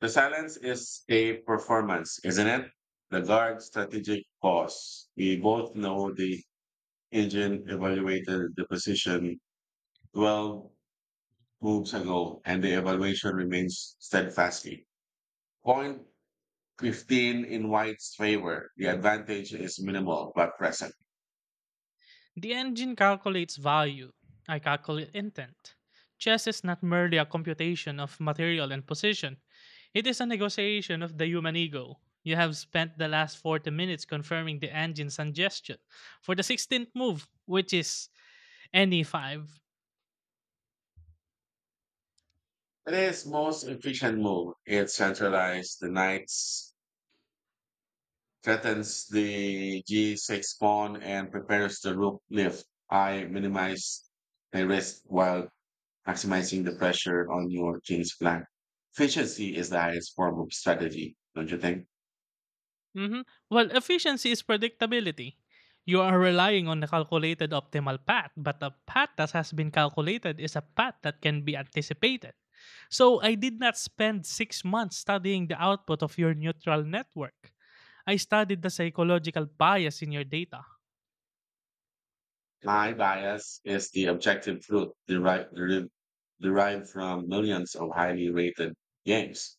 The silence is a performance, isn't it? The guard strategic pause. We both know the engine evaluated the position 12 moves ago and the evaluation remains steadfastly. Point 15 in White's favor. The advantage is minimal but present. The engine calculates value. I calculate intent. Chess is not merely a computation of material and position, it is a negotiation of the human ego. You have spent the last 40 minutes confirming the engine's suggestion for the 16th move, which is any 5. It is most efficient move. It centralized the knight's threatens the G6 pawn and prepares the rook lift. I minimize the risk while maximizing the pressure on your king's flank. Efficiency is the highest form of strategy, don't you think? hmm Well, efficiency is predictability. You are relying on a calculated optimal path, but a path that has been calculated is a path that can be anticipated. So I did not spend 6 months studying the output of your neutral network. I studied the psychological bias in your data. My bias is the objective truth derived from millions of highly rated games.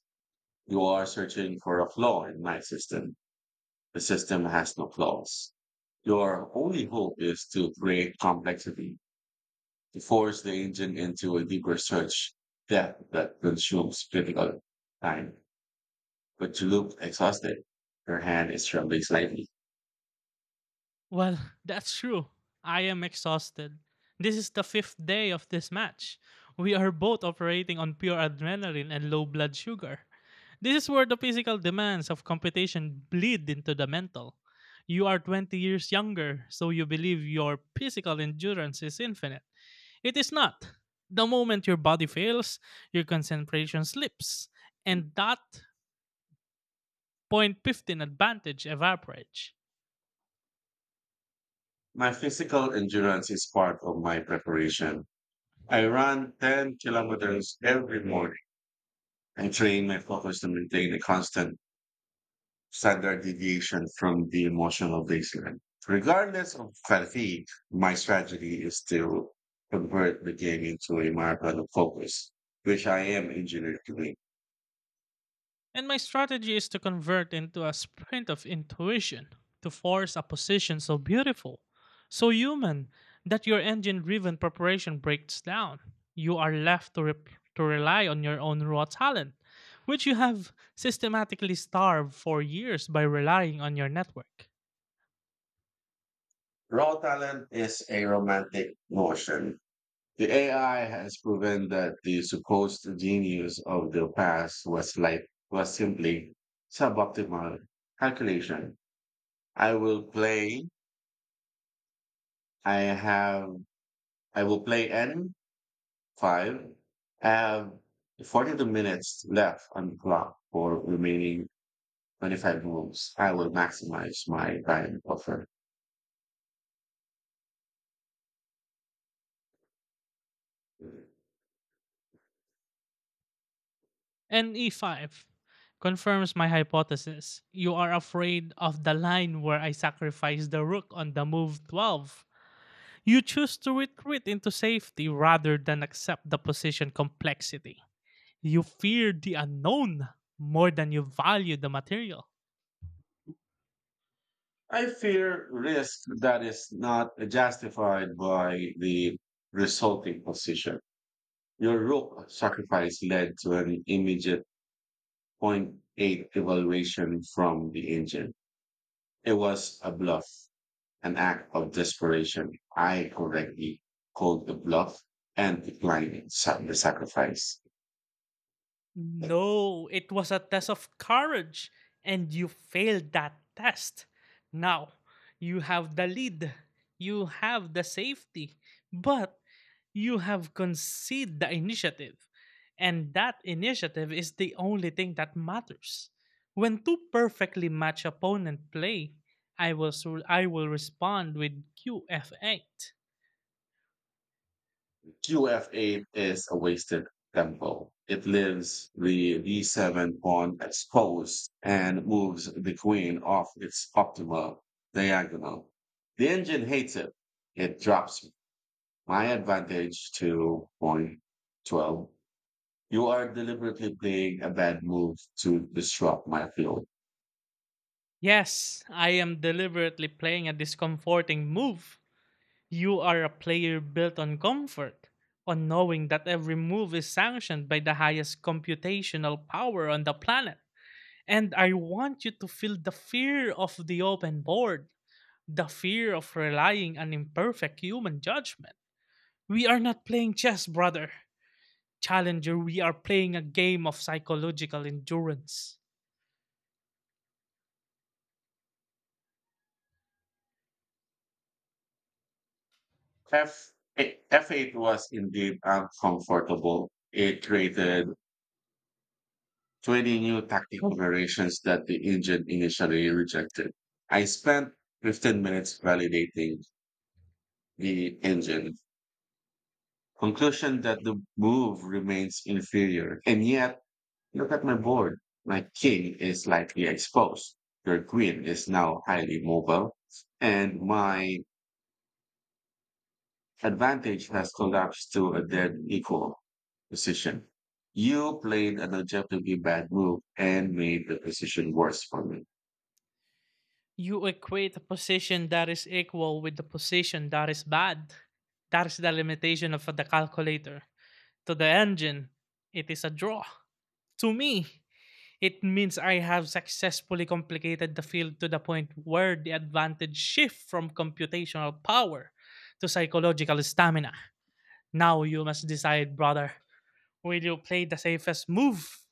You are searching for a flaw in my system. The system has no flaws. Your only hope is to create complexity. To force the engine into a deeper search depth that consumes critical time. But you look exhausted. Your hand is trembling slightly. Well, that's true. I am exhausted. This is the fifth day of this match. We are both operating on pure adrenaline and low blood sugar. This is where the physical demands of competition bleed into the mental. You are 20 years younger, so you believe your physical endurance is infinite. It is not. The moment your body fails, your concentration slips, and that point 15 advantage evaporates. My physical endurance is part of my preparation. I run 10 kilometers every morning. I train my focus to maintain a constant standard deviation from the emotional baseline. Regardless of fatigue, my strategy is to convert the game into a marathon of focus, which I am engineered to win. And my strategy is to convert into a sprint of intuition, to force a position so beautiful, so human, that your engine driven preparation breaks down. You are left to rely on your own raw talent, which you have systematically starved for years by relying on your network. Raw talent is a romantic notion. The AI has proven that the supposed genius of the past was simply suboptimal calculation. I will play. I have. I will play N five. I have 42 minutes left on the clock for remaining 25 moves. I will maximize my time buffer. And E5 confirms my hypothesis. You are afraid of the line where I sacrifice the rook on the move 12. You choose to retreat into safety rather than accept the position complexity. You fear the unknown more than you value the material. I fear risk that is not justified by the resulting position. Your rook sacrifice led to an immediate point 0.8 evaluation from the engine. It was a bluff, an act of desperation. I correctly called the bluff and declined the sacrifice. No, it was a test of courage, and you failed that test. Now, you have the lead, you have the safety, but you have conceded the initiative. And that initiative is the only thing that matters. When two perfectly matched opponents play, I will respond with QF8. QFA is a wasted tempo. It leaves the D7 pawn exposed and moves the queen off its optimal diagonal. The engine hates it. It drops my advantage to point 12. You are deliberately playing a bad move to disrupt my field. Yes, I am deliberately playing a discomforting move. You are a player built on comfort, on knowing that every move is sanctioned by the highest computational power on the planet. And I want you to feel the fear of the open board, the fear of relying on imperfect human judgment. We are not playing chess, brother. Challenger, we are playing a game of psychological endurance. F8 was indeed uncomfortable. It created 20 new tactical variations that the engine initially rejected. I spent 15 minutes validating the engine. Conclusion that the move remains inferior. And yet, look at my board. My king is slightly exposed. Your queen is now highly mobile. And my advantage has collapsed to a dead equal position. You played an objectively bad move and made the position worse for me. You equate a position that is equal with the position that is bad. That is the limitation of the calculator. To the engine, it is a draw. To me, it means I have successfully complicated the field to the point where the advantage shifts from computational power to psychological stamina. Now you must decide, brother. Will you play the safest move,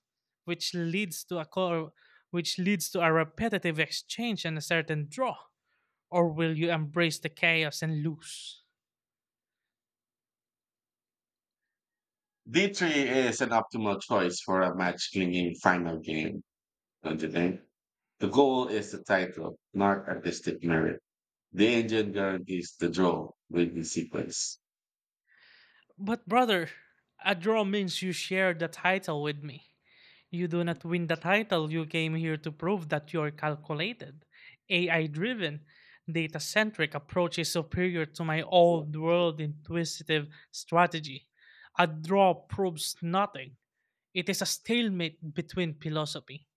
which leads to a cor- which leads to a repetitive exchange and a certain draw? Or will you embrace the chaos and lose? D three is an optimal choice for a match clinging final game, don't you think? The goal is the title, not artistic merit. The engine guarantees the draw with the sequence. But, brother, a draw means you share the title with me. You do not win the title. You came here to prove that your calculated, AI driven, data centric approach is superior to my old world intuitive strategy. A draw proves nothing. It is a stalemate between philosophy.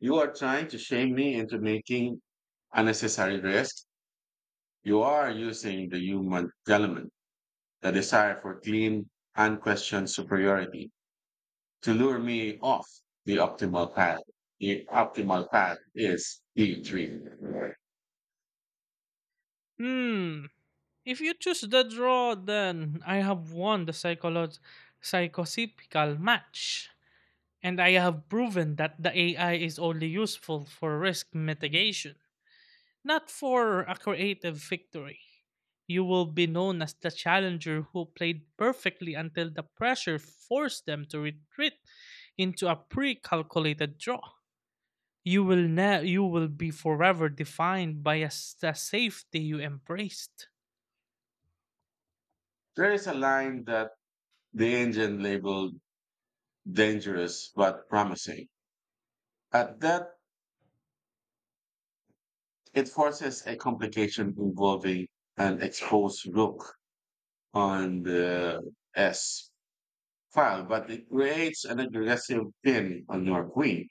You are trying to shame me into making unnecessary risk. You are using the human element, the desire for clean, unquestioned superiority to lure me off the optimal path. The optimal path is D3. Hmm, If you choose the draw, then I have won the psychosephical match. And I have proven that the AI is only useful for risk mitigation, not for a creative victory. You will be known as the challenger who played perfectly until the pressure forced them to retreat into a pre calculated draw. You will be forever defined by a safety you embraced. There is a line that the engine labeled dangerous but promising. At that, it forces a complication involving an exposed rook on the S file, but it creates an aggressive pin on your queen.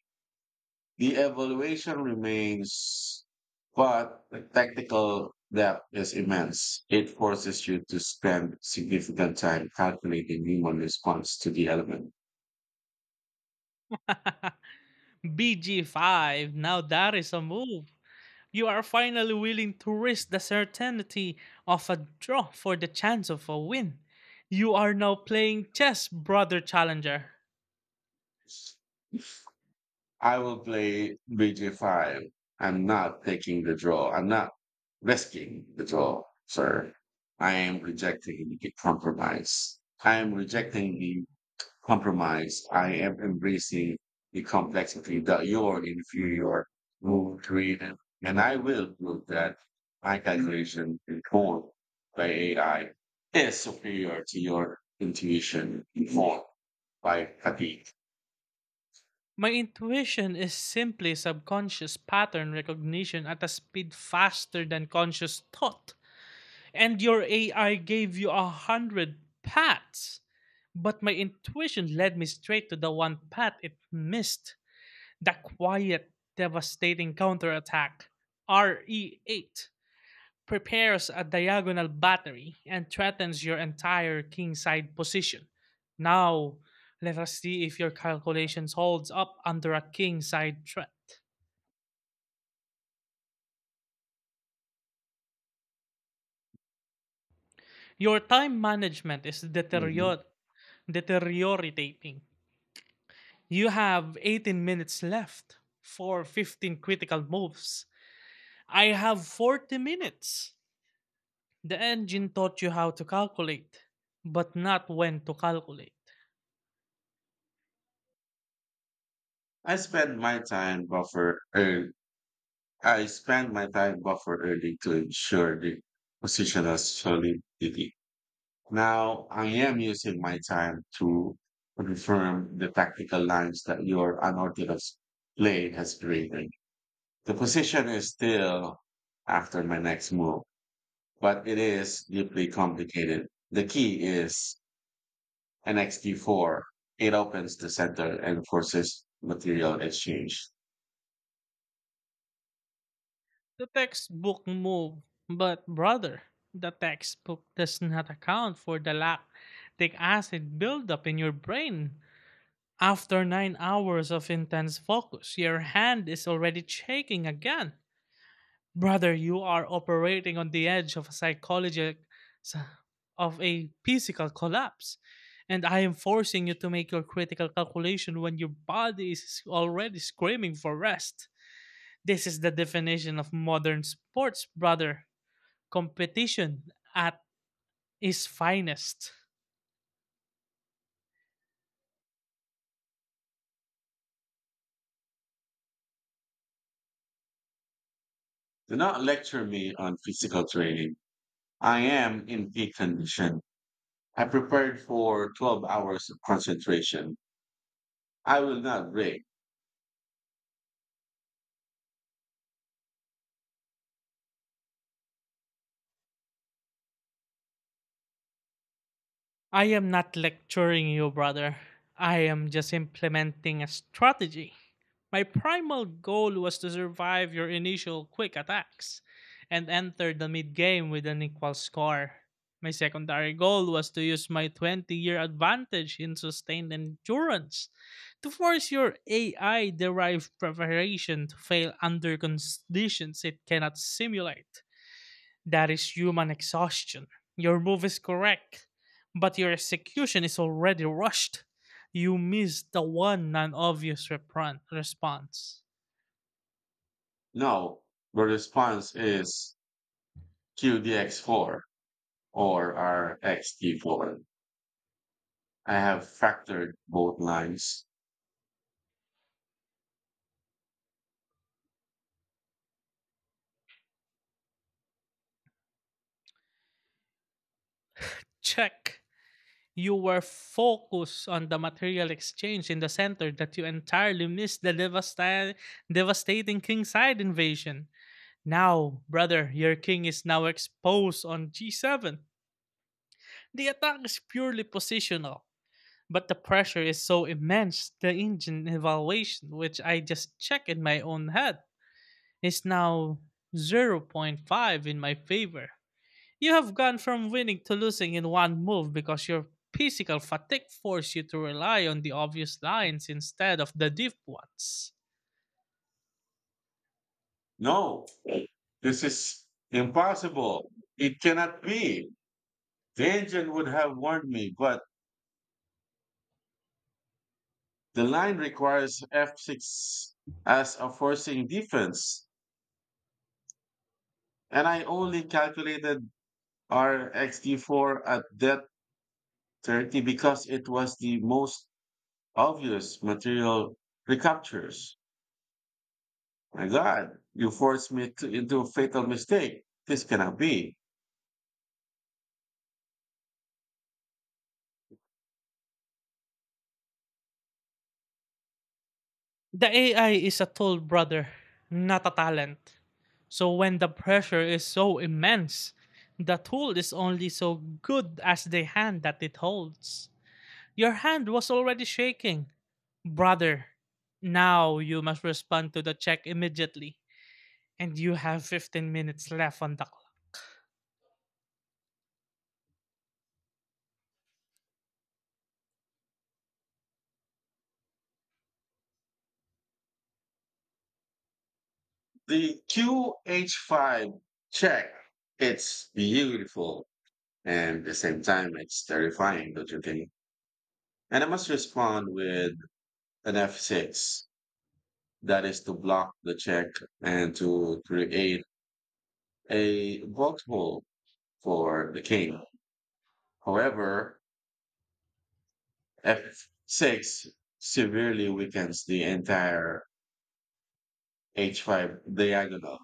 The evaluation remains, but the tactical depth is immense. It forces you to spend significant time calculating human response to the element. BG5. Now that is a move. You are finally willing to risk the certainty of a draw for the chance of a win. You are now playing chess, brother challenger. I will play BG5. I'm not taking the draw. I'm not risking the draw, sir. I am rejecting the compromise. I am embracing the complexity that your inferior move created. And I will prove that my calculation informed by AI is superior to your intuition informed by fatigue. My intuition is simply subconscious pattern recognition at a speed faster than conscious thought. And your AI gave you 100 paths. But my intuition led me straight to the one path it missed, the quiet, devastating counterattack. RE 8 prepares a diagonal battery and threatens your entire kingside position. Now, let us see if your calculations holds up under a kingside threat. Your time management is Mhm. deteriorating. You have 18 minutes left for 15 critical moves. I have 40 minutes. The engine taught you how to calculate, but not when to calculate. I spend my time buffer early. I spend my time buffer early to ensure the positional solidity. Now I am using my time to confirm the tactical lines that your unorthodox play has created. The position is still after my next move, but it is deeply complicated. The key is an xd 4. It opens the center and forces material exchange. The textbook move, but brother, the textbook does not account for the lactic acid buildup in your brain. After 9 hours of intense focus, your hand is already shaking again. Brother, you are operating on the edge of a psychological of a physical collapse. And I am forcing you to make your critical calculation when your body is already screaming for rest. This is the definition of modern sports, brother. Competition at its finest. Do not lecture me on physical training. I am in peak condition. I prepared for 12 hours of concentration. I will not break. I am not lecturing you, brother. I am just implementing a strategy. My primal goal was to survive your initial quick attacks and enter the mid game with an equal score. My secondary goal was to use my 20-year advantage in sustained endurance to force your AI derived preparation to fail under conditions it cannot simulate. That is human exhaustion. Your move is correct, but your execution is already rushed. You missed the one non obvious response. No, the response is QDX4 or RXT4. I have factored both lines. Check. You were focused on the material exchange in the center that you entirely missed the devastating kingside invasion. Now, brother, your king is now exposed on G7. The attack is purely positional, but the pressure is so immense. The engine evaluation, which I just check in my own head, is now zero point 0.5 in my favor. You have gone from winning to losing in one move because your physical fatigue forced you to rely on the obvious lines instead of the deep ones. No, this is impossible. It cannot be. The engine would have warned me, but the line requires F6 as a forcing defense. And I only calculated RxD4 at depth 30 because it was the most obvious material recaptures. My God, you forced me to, into a fatal mistake. This cannot be. The AI is a tool, brother, not a talent. So when the pressure is so immense, the tool is only so good as the hand that it holds. Your hand was already shaking. Brother, now you must respond to the check immediately, and you have 15 minutes left on the clock. The QH5 check, it's beautiful. And at the same time, it's terrifying, don't you think? And I must respond with an F6, that is to block the check and to create a box for the king. However, f6 severely weakens the entire h5 diagonal.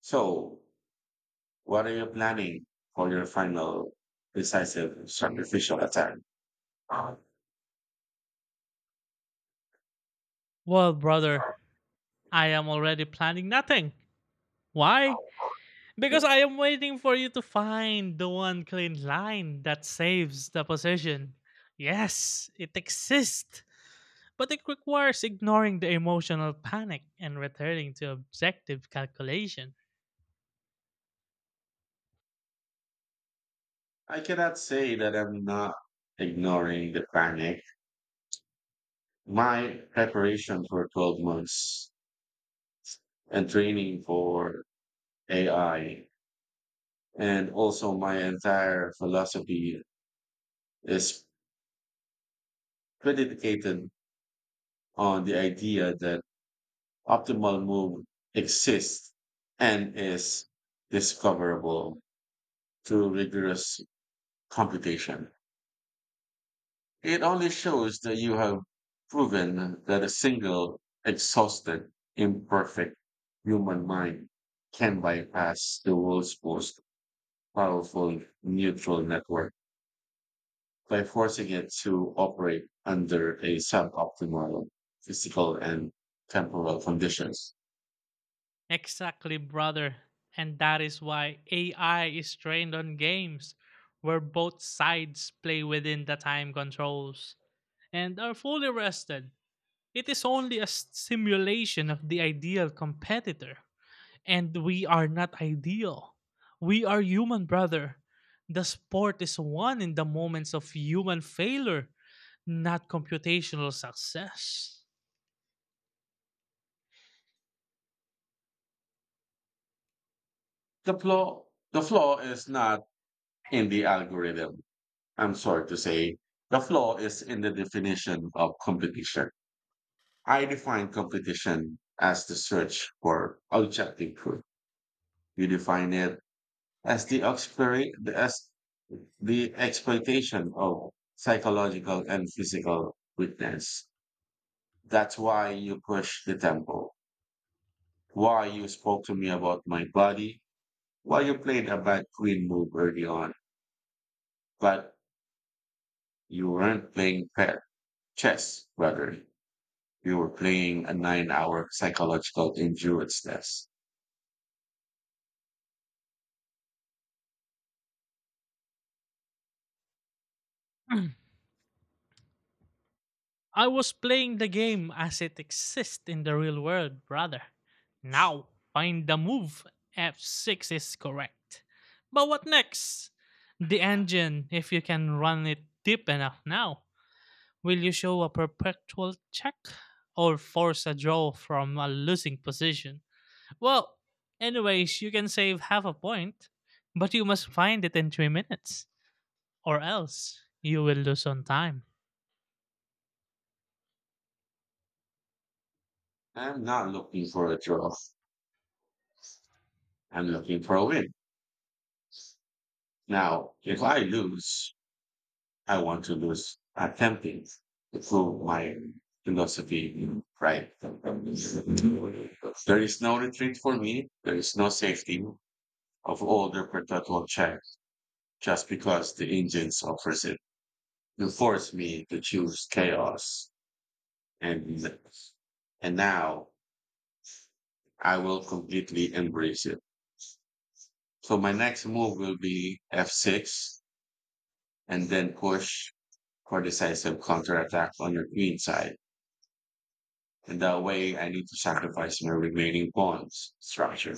So, what are you planning for your final decisive sacrificial attack? Uh, Well, brother, I am already planning nothing. Why? Because I am waiting for you to find the one clean line that saves the position. Yes, it exists, but it requires ignoring the emotional panic and returning to objective calculation. I cannot say that I'm not ignoring the panic. My preparation for 12 months and training for AI and also my entire philosophy is predicated on the idea that optimal move exists and is discoverable through rigorous computation. It only shows that you have proven that a single, exhausted, imperfect human mind can bypass the world's most powerful neutral network by forcing it to operate under a suboptimal physical and temporal conditions. Exactly, brother. And that is why AI is trained on games where both sides play within the time controls and are fully rested. It is only a simulation of the ideal competitor. And we are not ideal. We are human, brother. The sport is won in the moments of human failure, not computational success. The flaw, the flaw is not in the algorithm. I'm sorry to say. The flaw is in the definition of competition. I define competition as the search for objective truth. You define it as as the exploitation of psychological and physical weakness. That's why you push the tempo, why you spoke to me about my body, why you played a bad queen move early on. But you weren't playing chess, rather. You were playing a 9 hour psychological endurance test. I was playing the game as it exists in the real world, brother. Now, find the move. F6 is correct. But what next? The engine, if you can run it deep enough now. Will you show a perpetual check or force a draw from a losing position? Well, anyways, you can save half a point, but you must find it in 3 minutes, or else you will lose on time. I'm not looking for a draw. I'm looking for a win. Now, if I lose, I want to lose attempting to prove my philosophy right. There is no retreat for me. There is no safety of older perpetual check just because the engines offers it. You force me to choose chaos and and now I will completely embrace it. So my next move will be f6 and then push for decisive counterattack on your queen side. And that way I need to sacrifice my remaining pawns structure.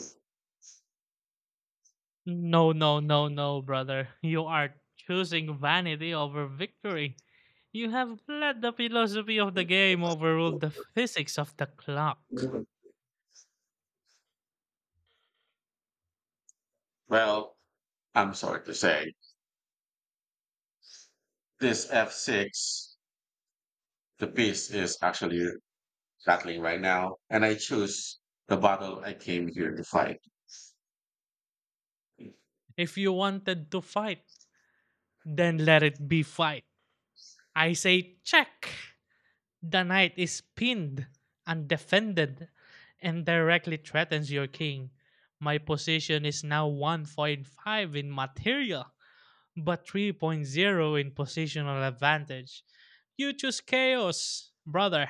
No, no, no, no, brother. You are choosing vanity over victory. You have let the philosophy of the game overrule the physics of the clock. Well, I'm sorry to say, this f6, the piece is actually battling right now, and I choose the battle I came here to fight. If you wanted to fight, then let it be fight. I say check. The knight is pinned, undefended, and directly threatens your king. My position is now 1.5 in material, but three point zero in positional advantage. You choose chaos, brother.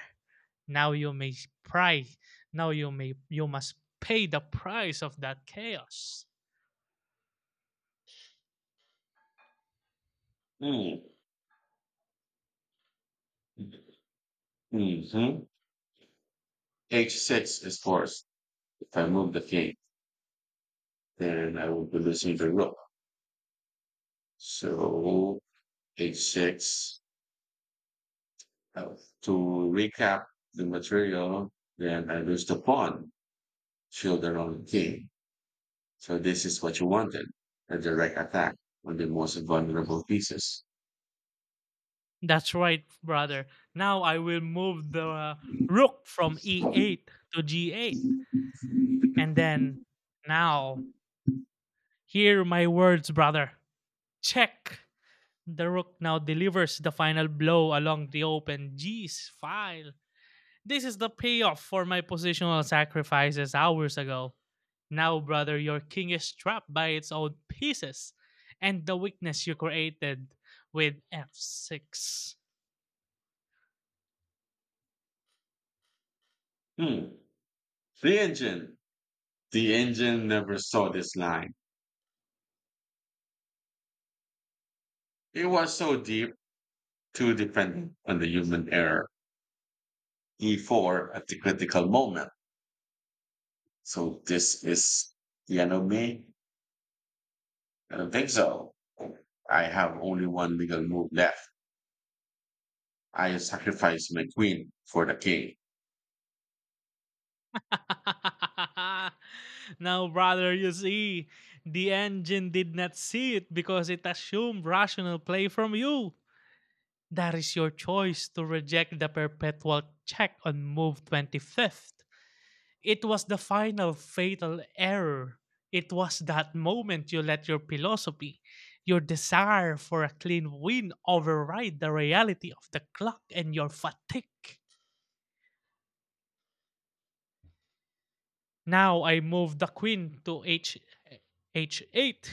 Now you may price. Now you must pay the price of that chaos. Mm. Mhm. h6 is forced. If I move the king, then I will be losing the rook. So h6. uh, To recap the material, then I lose the pawn, children on the king. So this is what you wanted, a direct attack on the most vulnerable pieces. That's right, brother. Now I will move the rook from e8 to g8, and then now, hear my words, brother. Check! The rook now delivers the final blow along the open G's file. This is the payoff for my positional sacrifices hours ago. Now, brother, your king is trapped by its own pieces and the weakness you created with f6. Hmm. The engine. The engine never saw this line. It was so deep too dependent on the human error. E4 at the critical moment. So this is the enemy, Vexel. I have only one legal move left. I sacrifice my queen for the king. Now, brother, you see, the engine did not see it because it assumed rational play from you. That is your choice to reject the perpetual check on move 25th. It was the final fatal error. It was that moment you let your philosophy, your desire for a clean win, override the reality of the clock and your fatigue. Now I move the queen to h h8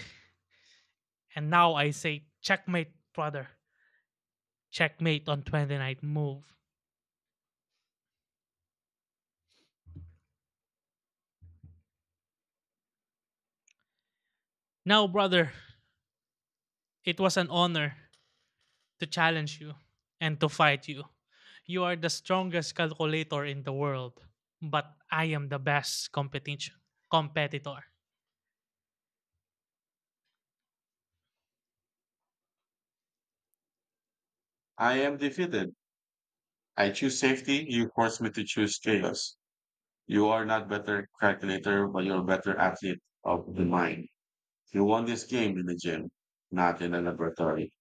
and now I say checkmate, brother. Checkmate on twenty ninth move. Now brother, it was an honor to challenge you and to fight you. You are the strongest calculator in the world, but I am the best competition competitor. I am defeated. I choose safety. You force me to choose chaos. You are not better calculator, but you're better athlete of the mind. You won this game in the gym, not in a laboratory.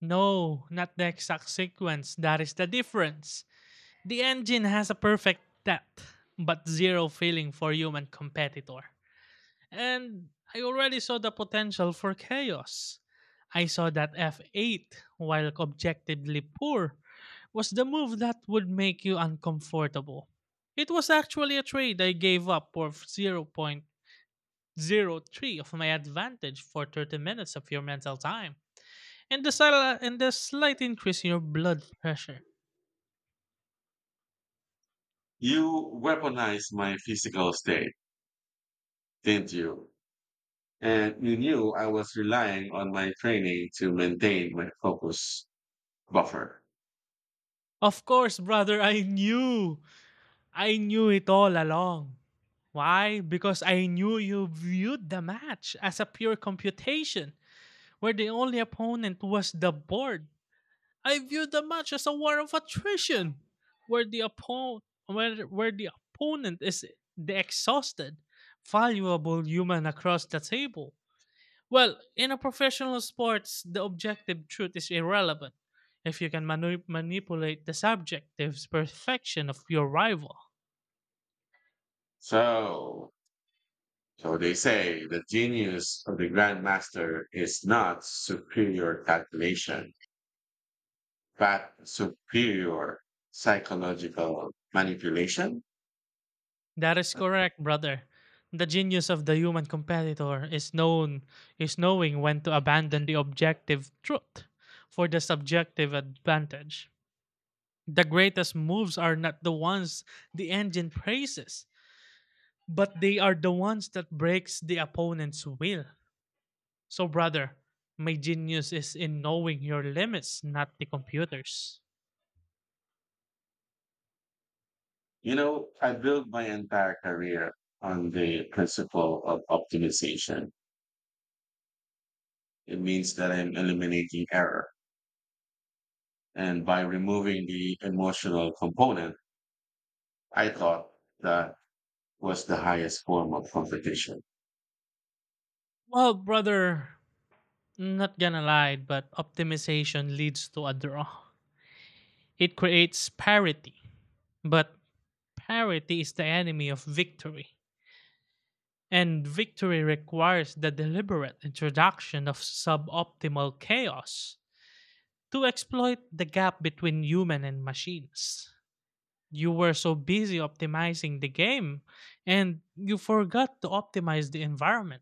No, not the exact sequence. That is the difference. The engine has a perfect depth, but zero feeling for human competitor. And I already saw the potential for chaos. I saw that F8, while objectively poor, was the move that would make you uncomfortable. It was actually a trade I gave up for 0.0 0.03 of my advantage for 30 minutes of your mental time and the slight increase in your blood pressure. You weaponized my physical state, didn't you? And you knew I was relying on my training to maintain my focus buffer. Of course, brother, I knew. I knew it all along. Why? Because I knew you viewed the match as a pure computation where the only opponent was the board. I viewed the match as a war of attrition where the opponent is the exhausted, valuable human across the table. Well, in a professional sports, the objective truth is irrelevant if you can manipulate the subjective perfection of your rival. So, so they say the genius of the grandmaster is not superior calculation, but superior psychological manipulation. That is correct, brother. The genius of the human competitor is knowing when to abandon the objective truth for the subjective advantage. The greatest moves are not the ones the engine praises, but they are the ones that breaks the opponent's will. So brother, my genius is in knowing your limits, not the computers. You know, I built my entire career on the principle of optimization. It means that I'm eliminating error. And by removing the emotional component, I thought that was the highest form of competition. Well, brother, not gonna lie, but optimization leads to a draw. It creates parity, but parity is the enemy of victory. And victory requires the deliberate introduction of suboptimal chaos to exploit the gap between human and machines. You were so busy optimizing the game and you forgot to optimize the environment.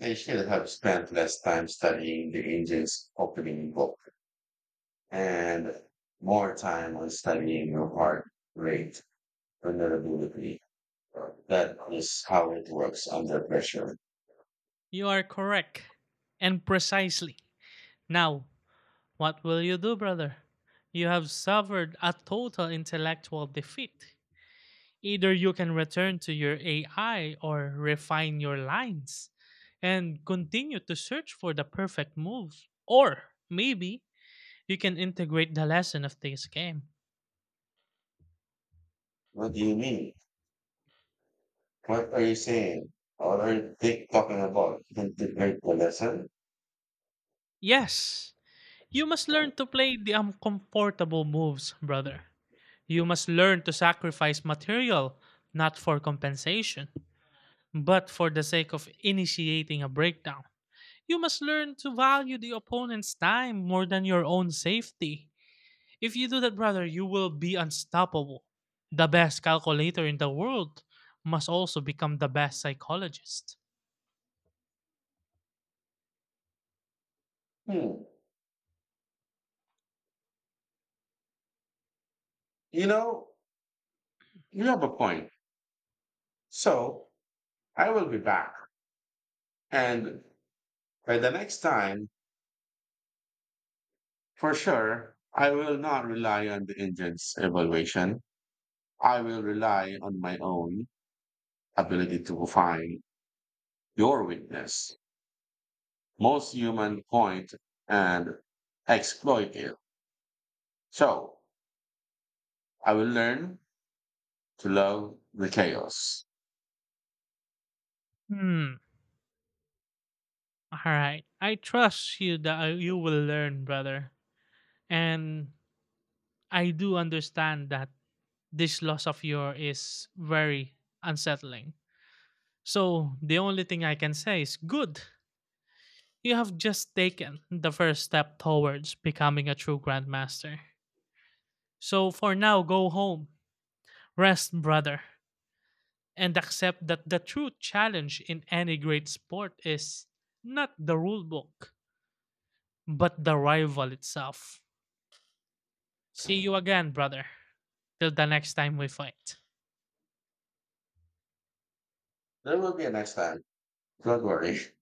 I should have spent less time studying the engine's opening book and more time on studying your heart rate vulnerability. That is how it works under pressure. You are correct and precisely. Now, what will you do, brother? You have suffered a total intellectual defeat. Either you can return to your AI or refine your lines and continue to search for the perfect move. Or maybe you can integrate the lesson of this game. What do you mean? What are you saying? What are they talking about? Didn't learn the lesson? Yes, you must learn to play the uncomfortable moves, brother. You must learn to sacrifice material, not for compensation, but for the sake of initiating a breakdown. You must learn to value the opponent's time more than your own safety. If you do that, brother, you will be unstoppable. The best calculator in the world must also become the best psychologist. Hmm. You know, you have a point. So I will be back. And by the next time, for sure, I will not rely on the engine's evaluation. I will rely on my own ability to find your weakness. Most human point and exploit it. So I will learn to love the chaos. Hmm. All right. I trust you that you will learn, brother. And I do understand that this loss of yours is very unsettling. So the only thing I can say is good. You have just taken the first step towards becoming a true grandmaster. So for now, go home. Rest, brother, and accept that the true challenge in any great sport is not the rule book, but the rival itself. See you again, brother. Till the next time we fight. There will be a next time. Don't worry.